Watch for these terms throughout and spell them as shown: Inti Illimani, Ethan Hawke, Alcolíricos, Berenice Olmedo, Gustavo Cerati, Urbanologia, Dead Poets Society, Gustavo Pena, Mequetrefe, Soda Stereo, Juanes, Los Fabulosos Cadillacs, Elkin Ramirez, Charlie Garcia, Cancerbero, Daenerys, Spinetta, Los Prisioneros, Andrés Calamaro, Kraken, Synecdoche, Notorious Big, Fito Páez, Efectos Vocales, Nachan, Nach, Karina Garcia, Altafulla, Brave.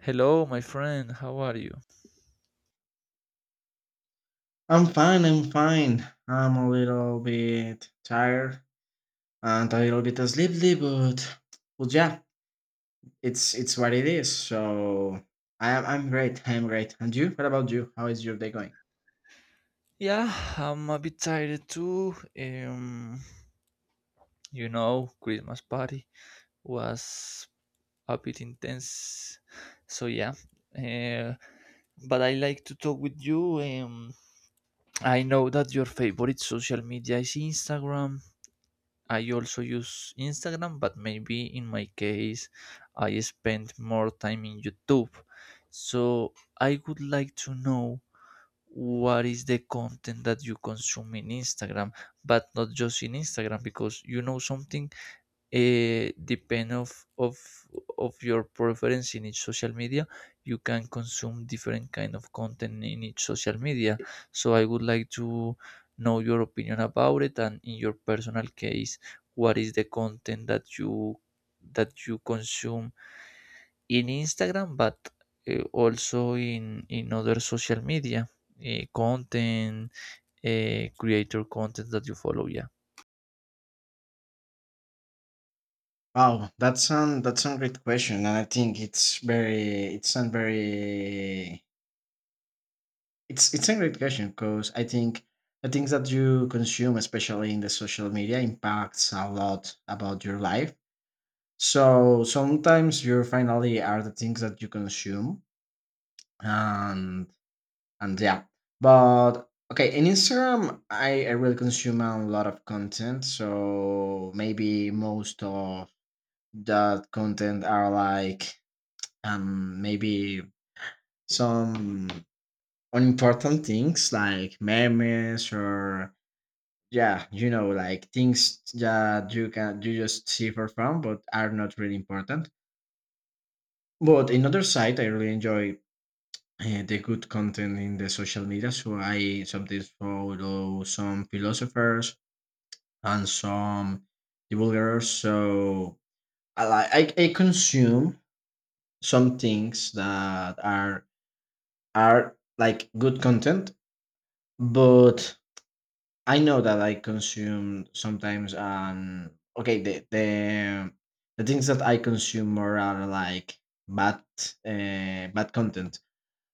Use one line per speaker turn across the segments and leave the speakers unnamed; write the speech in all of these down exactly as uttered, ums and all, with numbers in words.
Hello, my friend. How are you?
I'm fine, I'm fine. I'm a little bit tired and a little bit sleepy, but but yeah, it's it's what it is. So I am I'm great. I'm great. And you? What about you? How is your day going?
Yeah, I'm a bit tired too. Um, you know, Christmas party was a bit intense. So yeah, uh, but I like to talk with you. Um, I know that your favorite social media is Instagram. I also use Instagram, but maybe in my case, I spend more time in YouTube. So I would like to know what is the content that you consume in Instagram, but not just in Instagram, because you know something, eh, depend of of of your preference in each social media. You can consume different kind of content in each social media, so I would like to know your opinion about it. And in your personal case, what is the content that you that you consume in Instagram, but eh, also in in other social media, eh, content, eh, creator content that you follow, yeah.
Wow, that's an that's a great question, and I think it's very it's a very it's it's a great question because I think the things that you consume, especially in the social media, impacts a lot about your life. So sometimes your finally are the things that you consume, and and yeah. But okay, in Instagram, I, I really consume a lot of content. So maybe most of that content are like um maybe some unimportant things like memes or yeah, you know, like things that you can you just see for fun, but are not really important. But in other side, I really enjoy uh, the good content in the social media. So I sometimes follow some philosophers and some divulgators. So I like I, I consume some things that are are like good content, but I know that I consume sometimes um okay the the the things that I consume more are like bad uh, bad content.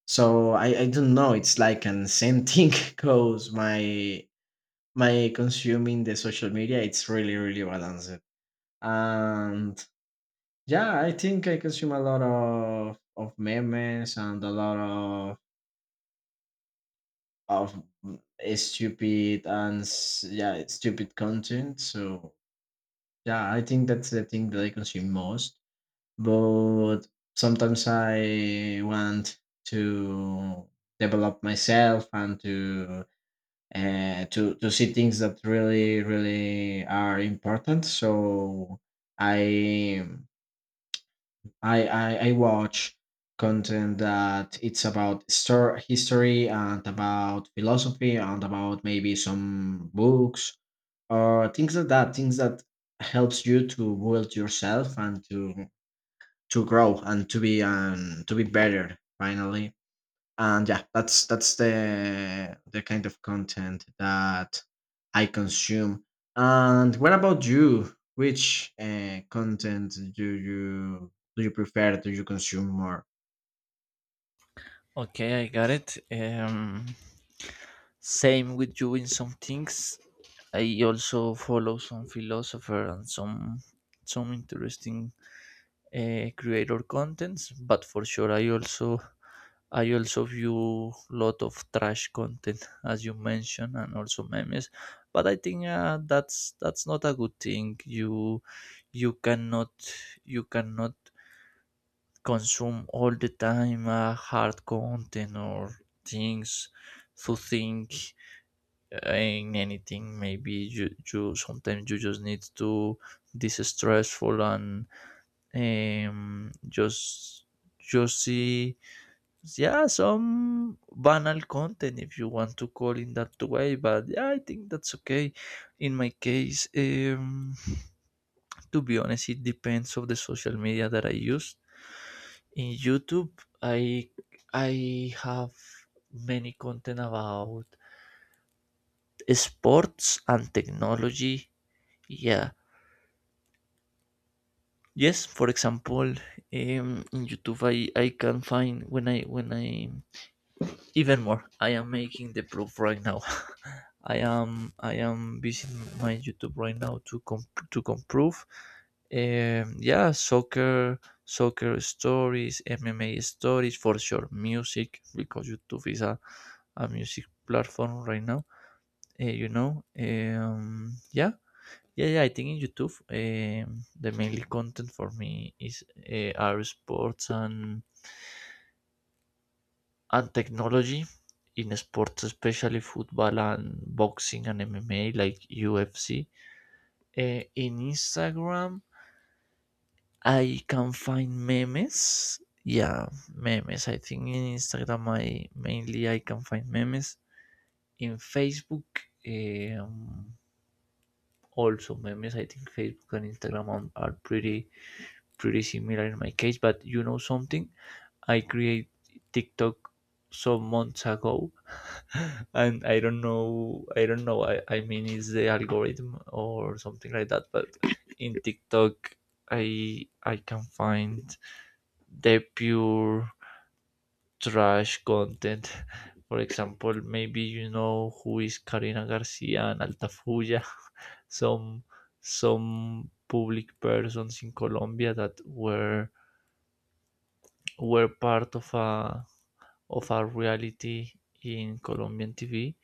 So I, I don't know. It's like an same thing because my my consuming the social media it's really really balanced. And yeah, I think I consume a lot of of memes and a lot of of stupid and s- yeah stupid content. So yeah, I think that's the thing that I consume most. But sometimes I want to develop myself and to uh, to to see things that really really are important. So I I I, I watch content that it's about stor- history and about philosophy and about maybe some books or things like that. Things that helps you to build yourself and to to grow and to be um to be better finally and yeah, that's that's the the kind of content that I consume. And what about you? Which uh, content do you do you prefer? Do you consume more?
Okay, I got it. Um, same with you in some things. I also follow some philosopher and some some interesting uh, creator contents, but for sure I also I also view lot of trash content as you mentioned, and also memes. But I think uh, that's that's not a good thing. You you cannot you cannot consume all the time uh, hard content or things to think uh, in anything. Maybe you, you sometimes you just need to this stressful and um, just just see, yeah, some banal content if you want to call in that way. But yeah, I think that's okay. In my case, um to be honest, it depends of the social media that I use. In YouTube, I I have many content about sports and technology. Yeah. Yes, for example, um, in YouTube I, I can find when I when I even more I am making the proof right now. I am I am visiting my YouTube right now to comp- to improve. Um, yeah, soccer, soccer stories, M M A stories for sure, music, because YouTube is a, a music platform right now. Uh, you know, um, yeah, yeah, yeah. I think in YouTube, um, the mainly content for me is uh, are sports and and technology. In sports, especially football and boxing and M M A like U F C. Uh, in Instagram, I can find memes. Yeah, memes. I think in Instagram, I mainly I can find memes. In Facebook, um, also memes. I think Facebook and Instagram are- are pretty pretty similar in my case. But you know something, I create TikTok some months ago, and I don't know, I don't know. I, I mean, is the algorithm or something like that? But in TikTok, I I can find the pure trash content. For example, maybe you know who is Karina Garcia and Altafulla, some some public persons in Colombia that were were part of a of our reality in Colombian T V.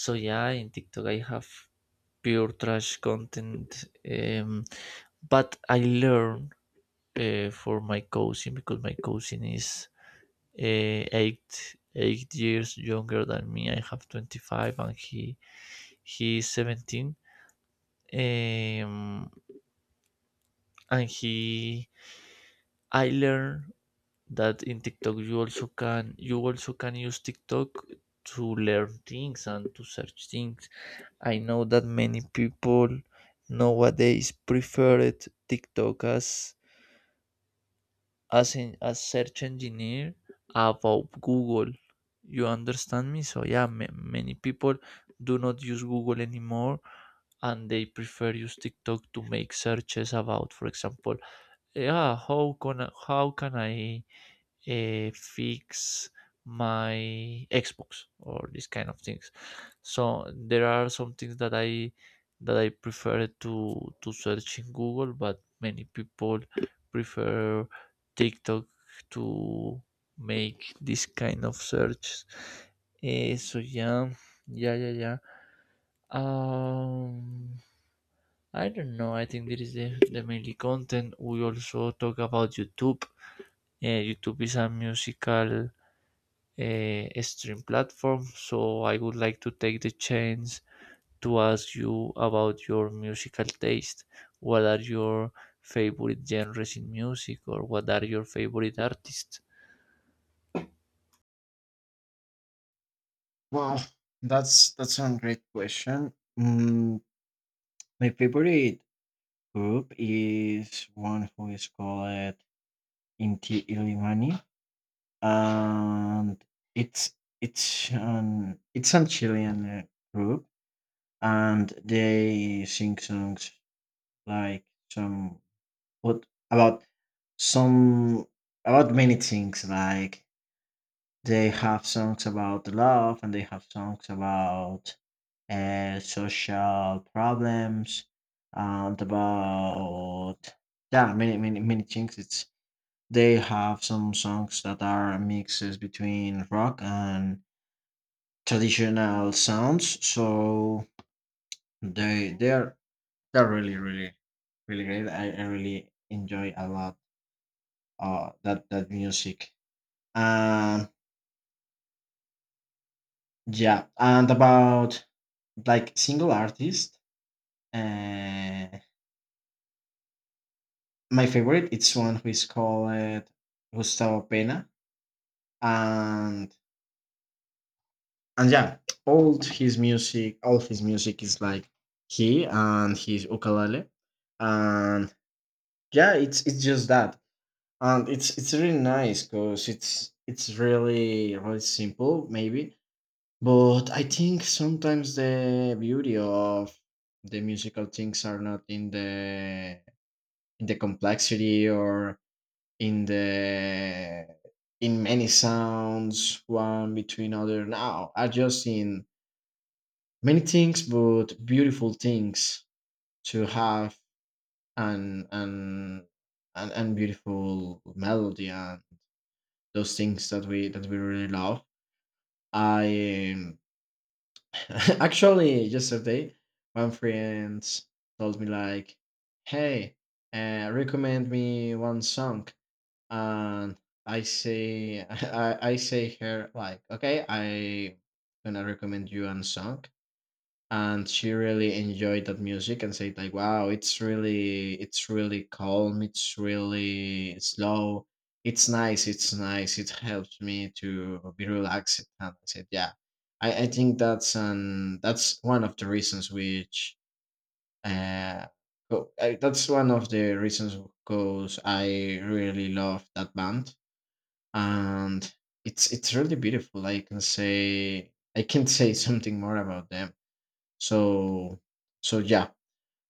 So yeah, in TikTok I have pure trash content, um, but I learn uh, for my cousin, because my cousin is uh, eight eight years younger than me. I have twenty five and he he is seventeen. Um, and he I learn that in TikTok you also can you also can use TikTok to learn things and to search things. I know that many people nowadays preferred TikTok as as in as search engineer above Google. You understand me? So yeah, ma- many people do not use Google anymore, and they prefer use TikTok to make searches about, for example, yeah, how can I, how can I uh, fix my Xbox or this kind of things. So there are some things that I that I prefer to to search in Google, but many people prefer TikTok to make this kind of search. Eh, so yeah, yeah, yeah, yeah. Um, I don't know. I think this is the, the mainly content. We also talk about YouTube. Eh, YouTube is a musical uh, stream platform. So I would like to take the chance to ask you about your musical taste. What are your favorite genres in music, or what are your favorite artists?
Well, that's that's a great question. Mm, my favorite group is one who is called Inti Illimani, and it's it's an it's an Chilean uh, group and they sing songs like some what about some about many things like they have songs about love and they have songs about uh, social problems and about yeah many many many things it's they have some songs that are mixes between rock and traditional sounds so they they're they're really, really, really great. I, I really enjoy a lot uh that that music. Um yeah, and about like single artist, uh my favorite it's one who is called Gustavo Pena and and yeah, all his music all his music is like he and his ukulele and yeah it's it's just that, and it's it's really nice because it's it's really really simple maybe, but I think sometimes the beauty of the musical things are not in the in the complexity or in the in many sounds one between other now are just in many things but beautiful things to have and and and, and beautiful melody and those things that we that we really love. I um, actually yesterday one friend told me like, "Hey, uh, recommend me one song," and I say I, I say her like, "Okay, I gonna recommend you one song," and she really enjoyed that music and said like wow it's really it's really calm it's really slow it's nice it's nice it helps me to be relaxed, and I said yeah. i, I think that's an that's one of the reasons which uh, go, uh that's one of the reasons because I really love that band, and it's it's really beautiful. I can say I can't say something more about them, so so yeah.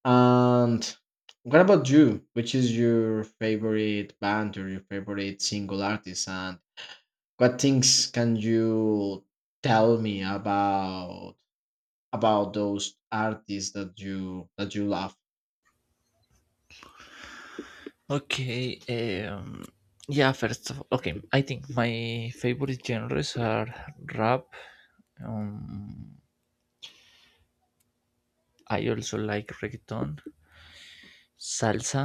And what about you? Which is your favorite band or your favorite single artist? And what things can you tell me about about those artists that you that you love?
Okay, um, yeah, first of all, okay, I think my favorite genres are rap. Um, I also like reggaeton, salsa,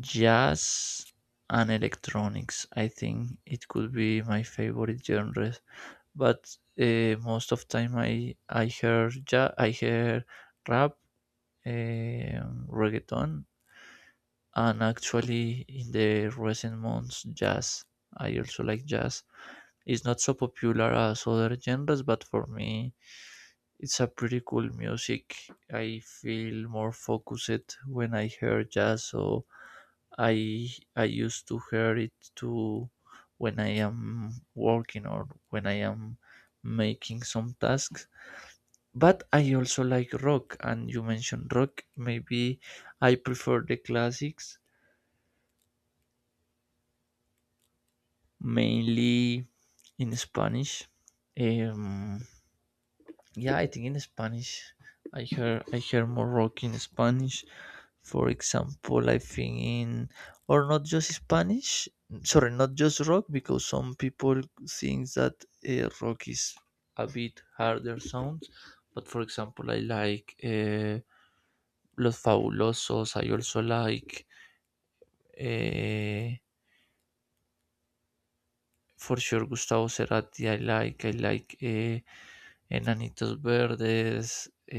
jazz, and electronics. I think it could be my favorite genres. But uh, most of time I I hear ja I hear rap, um, reggaeton, and actually in the recent months jazz. I also like jazz. It's not so popular as other genres, but for me it's a pretty cool music. I feel more focused when I hear jazz, so I I used to hear it too when I am working or when I am making some tasks. But I also like rock, and you mentioned rock. Maybe I prefer the classics, mainly in Spanish. Um, yeah, I think in Spanish, I hear I hear more rock in Spanish. For example, I think in, or not just Spanish, sorry, not just rock, because some people think that uh, rock is a bit harder sounds. But for example, I like uh, Los Fabulosos. I also like uh, for sure, Gustavo Cerati. i like I like uh, Enanitos Verdes.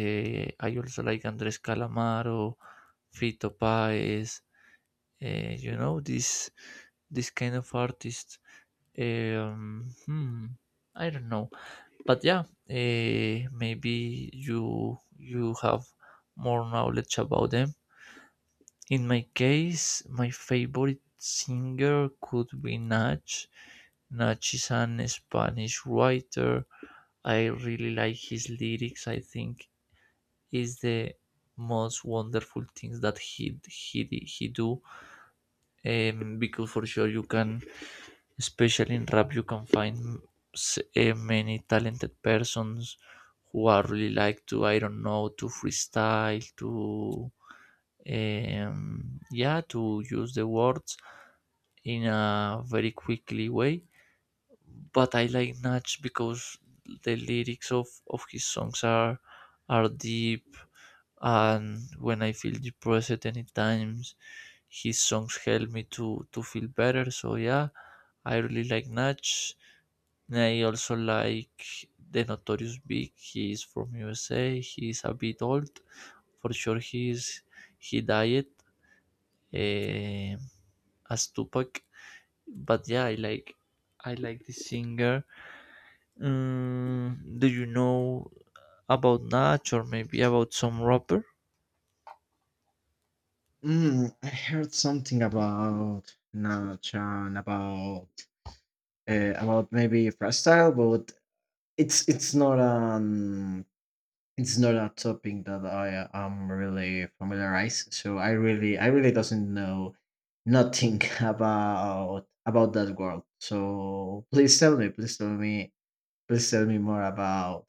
uh, I also like Andres Calamaro, Fito Páez. Uh, you know this this kind of artist. Um, hmm, I don't know, but yeah, uh, maybe you you have more knowledge about them. In my case, my favorite singer could be Nach. Nach is an Spanish writer. I really like his lyrics. I think is the most wonderful things that he he he do. Um, because for sure you can. Especially in rap, you can find s- eh, many talented persons who are really like to, I don't know, to freestyle, to, um, yeah, to use the words in a very quickly way. But I like Natch because the lyrics of, of his songs are are deep, and when I feel depressed, any times his songs help me to to feel better. So yeah, I really like Natch. I also like the Notorious Big. He is from U S A. He is a bit old. For sure, he is he died eh, as Tupac. But yeah, I like I like this singer. Mm, do you know about Natch or maybe about some rapper?
Mm, I heard something about Nachan about uh, about maybe freestyle, but it's it's not an it's not a topic that I am really familiarized, so I really I really doesn't know nothing about about that world. So please tell me, please tell me, please tell me more about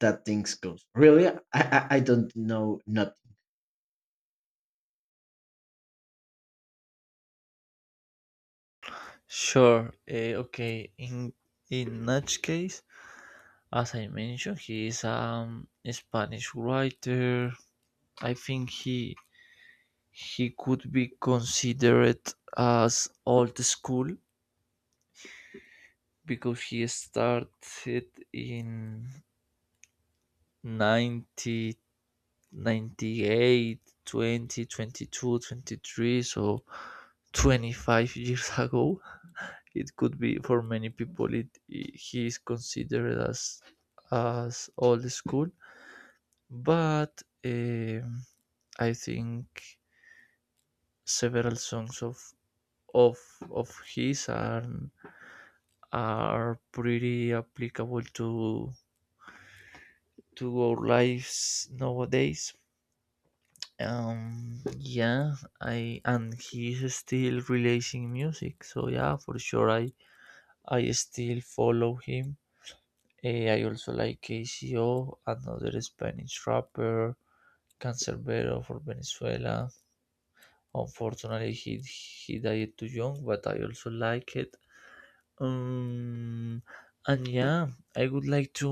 that things goes. Really, I I, I don't know nothing.
Sure. eh, okay. In in Natch case, as I mentioned, he is um, a Spanish writer. I think he He could be considered as old school because he started in ninety ninety eight twenty twenty two twenty three, so twenty five years ago. It could be for many people. It he is considered as as old school, but um, I think several songs of of of his are are pretty applicable to to our lives nowadays. Um, yeah, I and he's still releasing music, so yeah, for sure, I I still follow him. Eh, I also like K C O, another Spanish rapper, Cancerbero for Venezuela. Unfortunately, he he died too young, but I also like it. Um, and yeah, I would like to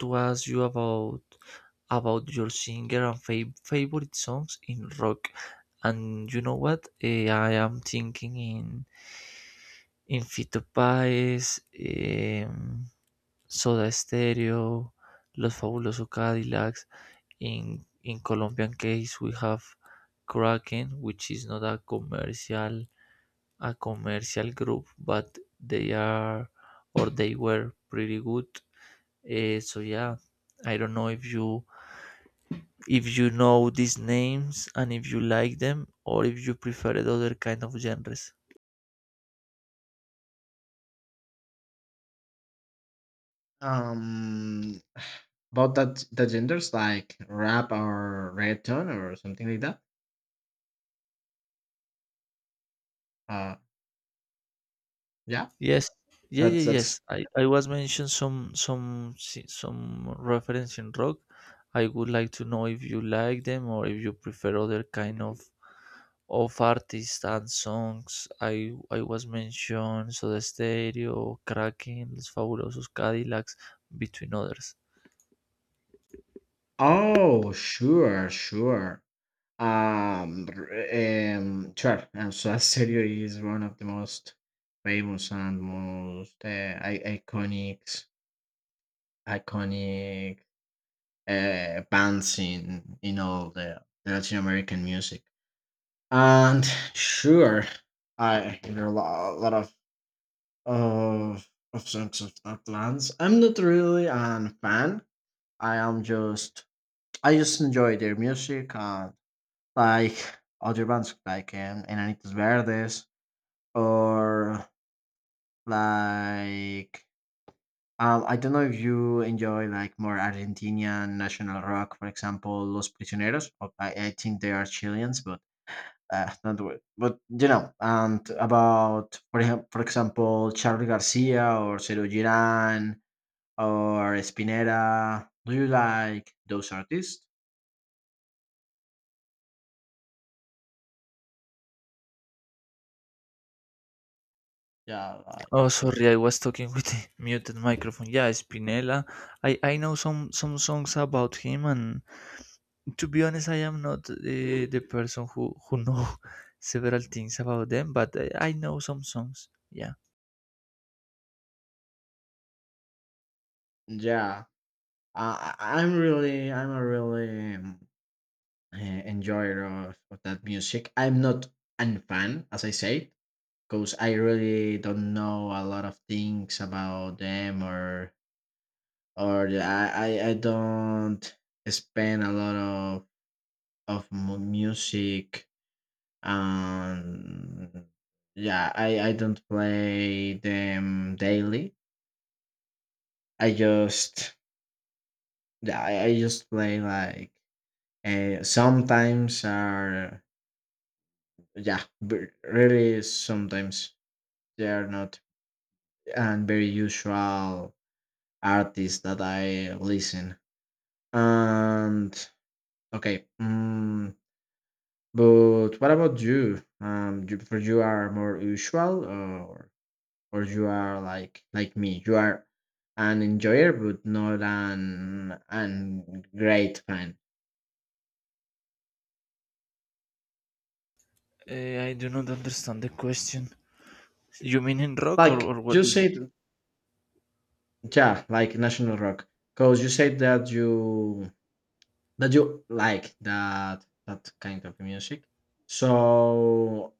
to ask you about about your singer and fa- favorite songs in rock. And you know what? Eh, I am thinking in in Fito Páez, em, Soda Stereo, Los Fabulosos Cadillacs. In in Colombian case, we have Kraken, which is not a commercial a commercial group, but they are or they were pretty good. Uh, so yeah, I don't know if you if you know these names, and if you like them, or if you prefer the other kind of genres.
Um, about that the genders like rap or reggaeton or something like that. Uh, yeah,
Yes, yeah, yeah,
that's that's.
yes. I, I was mentioned some some si- some reference in rock. I would like to know if you like them, or if you prefer other kind of of artists and songs. I I was mentioned Soda Stereo, Kraken, Los Fabulosos Cadillacs, between others.
Oh, sure, sure. Um, r- um, sure. And so Asterio is one of the most famous and most uh, I- iconic, iconic uh, bands in in all the Latin American music. And sure, I hear a lot, a lot of of of songs of that bands. I'm not really an fan. I am just I just enjoy their music and like other bands like um, Enanitos Verdes or like, um, I don't know if you enjoy like more Argentinian national rock, for example, Los Prisioneros. Or I, I think they are Chileans, but uh, not the way. But you know, and about for him, for example, Charlie Garcia or Cero Girán or Spinetta. Do you like those artists? Yeah, like,
Oh, sorry, I was talking with the muted microphone. Yeah, Spinella. I I know some some songs about him, and to be honest, I am not the, the person who who know several things about them, but I, I know some songs. Yeah,
yeah. Uh, I- I'm really, I'm a really uh, enjoyer of, of that music. I'm not an fan, as I said, because I really don't know a lot of things about them, or or the- I I, I don't spend a lot of of mu- music, and yeah, I I don't play them daily. I just yeah, I, I just play like. Uh, sometimes are yeah b- really sometimes they are not and very usual artists that I listen. And okay, mm, but what about you? Um, you, for you are more usual, or or you are like like me? You are an enjoyer, but not an an great fan.
uh, I do not understand the question. You mean in rock or,
Like
or what?
you said, yeah, like national rock, because you said that you that you like that that kind of music. So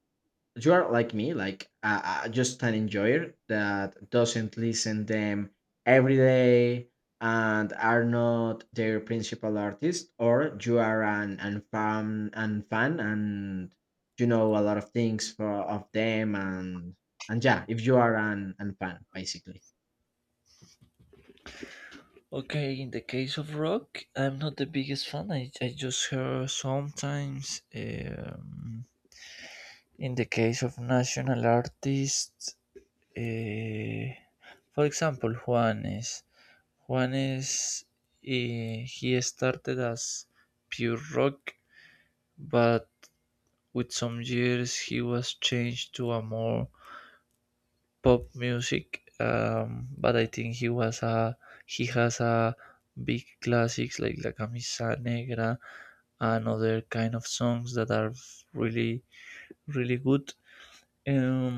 you are like me, like uh, uh, just an enjoyer that doesn't listen them every day and are not their principal artist, or you are an and fan and fan and you know a lot of things for of them and and yeah, if you are an and fan basically.
Okay, in the case of rock, I'm not the biggest fan. I, I just hear sometimes. Um, in the case of national artists, uh, for example, Juanes. Juanes, eh, he started as pure rock, but with some years he was changed to a more pop music. Um, but I think he was a he has a big classics like La Camisa Negra and other kind of songs that are really really good. Um,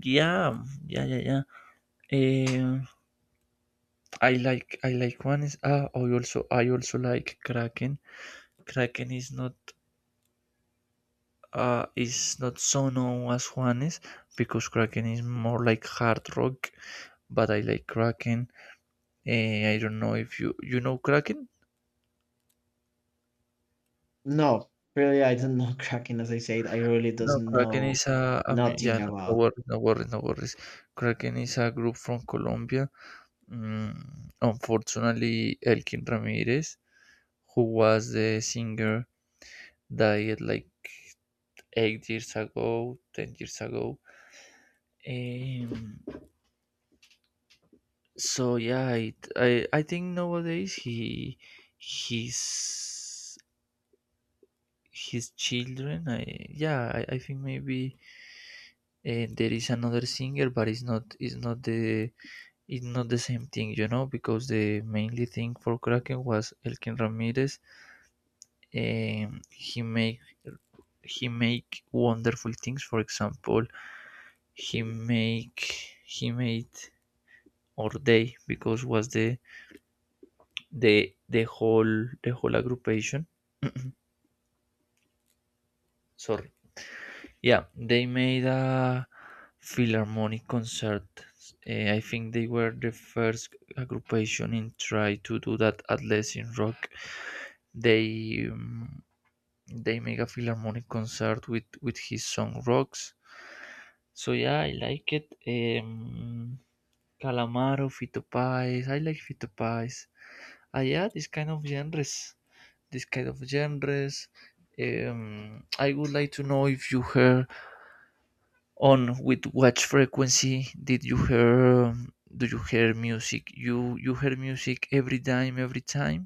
yeah, yeah, yeah, yeah. Um, I like I like one is ah I also I also like Kraken. Kraken is not uh, is not so known as Juanes, because Kraken is more like hard rock, but I like Kraken. Eh, I don't know if you you know Kraken.
No, really, I don't know Kraken. As I said, I really
No,
doesn't
Kraken
know
is a, a mu- yeah,
nothing
no, no
about.
worries, no worries, no worries. Kraken is a group from Colombia. Mm, unfortunately, Elkin Ramirez, who was the singer, died like eight years ago, ten years ago. Um, so yeah it, I I think nowadays he his his children i yeah i, I think maybe uh, there is another singer, but it's not it's not the it's not the same thing, you know, because the mainly thing for Kraken was Elkin Ramirez. And he make, he make wonderful things. For example, he make, he made, or they, because was the the the whole the whole aggregation. Sorry. Yeah, they made a Philharmonic concert. Eh, I think they were the first aggregation in try to do that, at least in rock. They um, they make a Philharmonic concert with with his song Rocks. So yeah, I like it. Um, Calamaro, Fito Páez. I like Fito Páez. Uh, yeah, this kind of genres. This kind of genres. Um, I would like to know if you hear on with what frequency did you hear? Um, do you hear music? You you hear music every time, every time,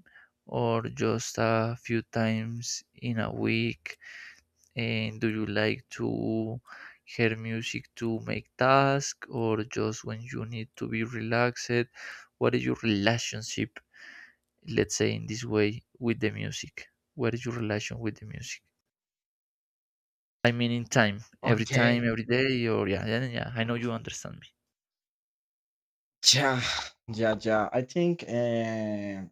or just a few times in a week? And do you like to hear music to make tasks or just when you need to be relaxed? What is your relationship, let's say in this way, with the music? What is your relation with the music? I mean, in time, every time,
Okay.
every day, or yeah, yeah, yeah. I know you understand me.
Yeah, yeah, yeah. I think. Uh,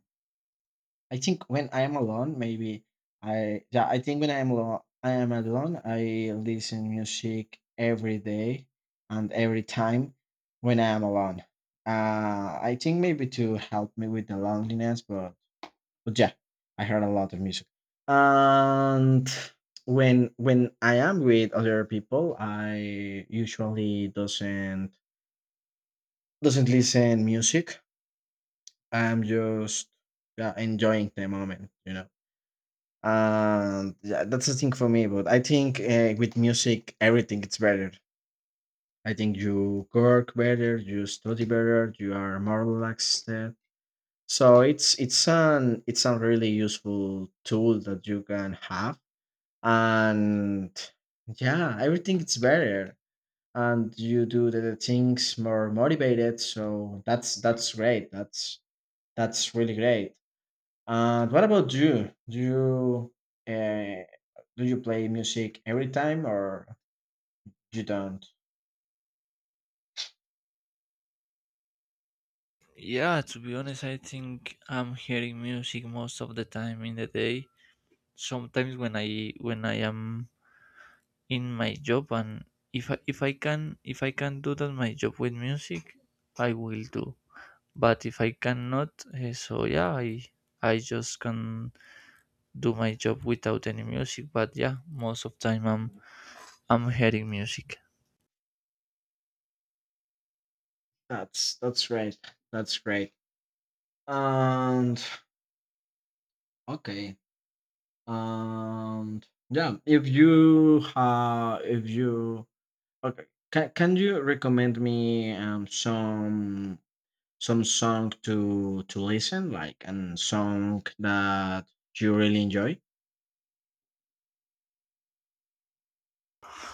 I think when I am alone, maybe I yeah, I think when I am alone, I am alone. I listen music every day and every time when I am alone. Uh, I think maybe to help me with the loneliness, but but yeah, I heard a lot of music. And when when I am with other people, I usually doesn't doesn't listen music. I'm just yeah, enjoying the moment, you know. And yeah, that's the thing for me, but I think uh, with music everything it's better. I think you work better, you study better, you are more relaxed there. So it's it's an it's a really useful tool that you can have, and yeah everything it's better, and you do the, the things more motivated, so that's that's great, that's that's really great. And what about you? Do you uh, do you play music every time or you don't?
Yeah, to be honest, I think I'm hearing music most of the time in the day. Sometimes when I when I am in my job, and if I, if I can if I can do that my job with music, I will do. But if I cannot, eh, so yeah, I I just can do my job without any music. But yeah, most of time I'm I'm hearing music.
That's that's great. That's great. And okay. And yeah, if you uh if you okay, can can you recommend me um some some song to to listen like and song that you really enjoy?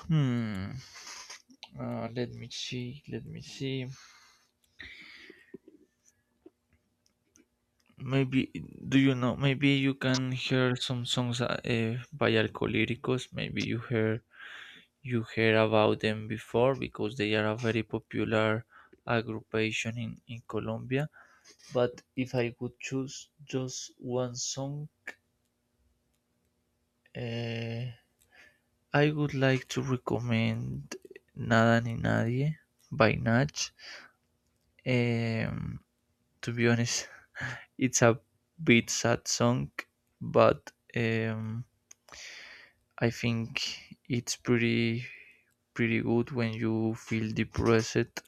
Hmm. Uh, let me see, let me see. Maybe, do you know, maybe you can hear some songs uh, eh, by Alcolíricos? Maybe you hear, you heard about them before, because they are a very popular aggregation in, in Colombia. But if I would choose just one song, uh, I would like to recommend Nada ni Nadie by Nach. Um, to be honest, it's a bit sad song, but um, I think it's pretty pretty good when you feel depressed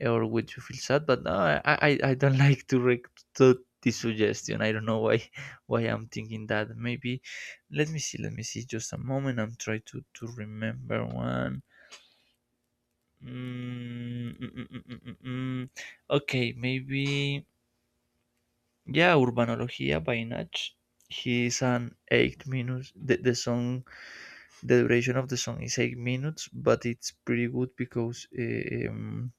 or would you feel sad? But no, I, I, I don't like to rec- to this suggestion. I don't know why why I'm thinking that. Maybe let me see, let me see. Just a moment. I'm trying to to remember one. Mm, mm, mm, mm, mm, mm, mm. Okay, maybe yeah. Urbanologia by Nach. He is an eight minutes. The, the song, the duration of the song is eight minutes, but it's pretty good because eh, um,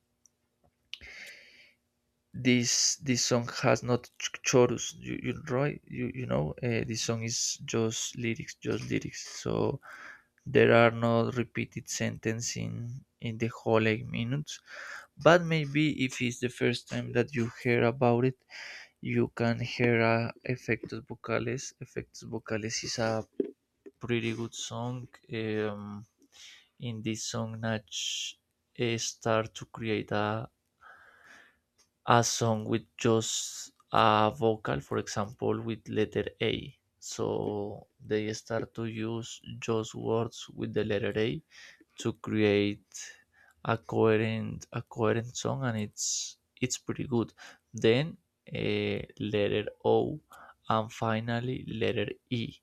this this song has not ch- chorus, you you right, you you know, uh, this song is just lyrics, just lyrics, so there are no repeated sentence in in the whole eight minutes. But maybe if it's the first time that you hear about it, you can hear uh, efectos vocales. Efectos vocales is a pretty good song. um, in this song Natch, eh, start to create a, a song with just a vocal, for example, with letter A. So they start to use just words with the letter A to create a coherent a coherent song, and it's it's pretty good. Then uh, letter O, and finally letter E.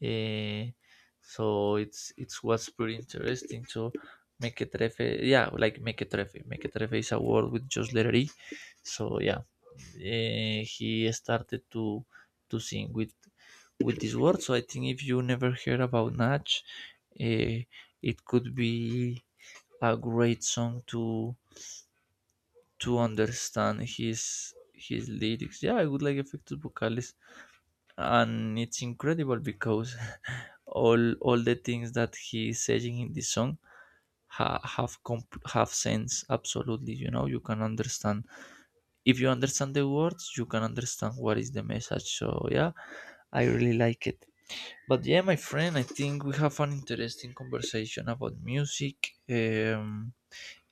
Eh, so it's it's was pretty interesting to Mequetrefe. Yeah, like Mequetrefe. Mequetrefe is a word with just letter E. So yeah, eh, he started to to sing with with this word. So I think if you never heard about Natch, eh, it could be a great song to to understand his his lyrics. Yeah, I would like Efectos Vocales, and it's incredible because all all the things that he is saying in this song ha- have comp- have sense absolutely, you know. You can understand if you understand the words, you can understand what is the message. So yeah, I really like it. But yeah, my friend, I think we have an interesting conversation about music. um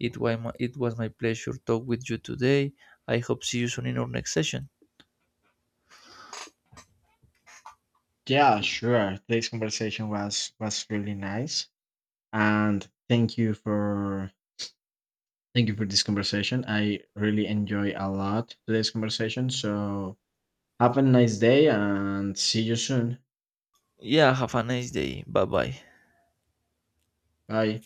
it was my, it was my pleasure to talk with you today. I hope see you soon in our next session.
Yeah, sure. This conversation was was really nice. And thank you for thank you for this conversation. I really enjoy a lot today's conversation. So have a nice day and see you soon.
Yeah, have a nice day, bye bye.
Bye.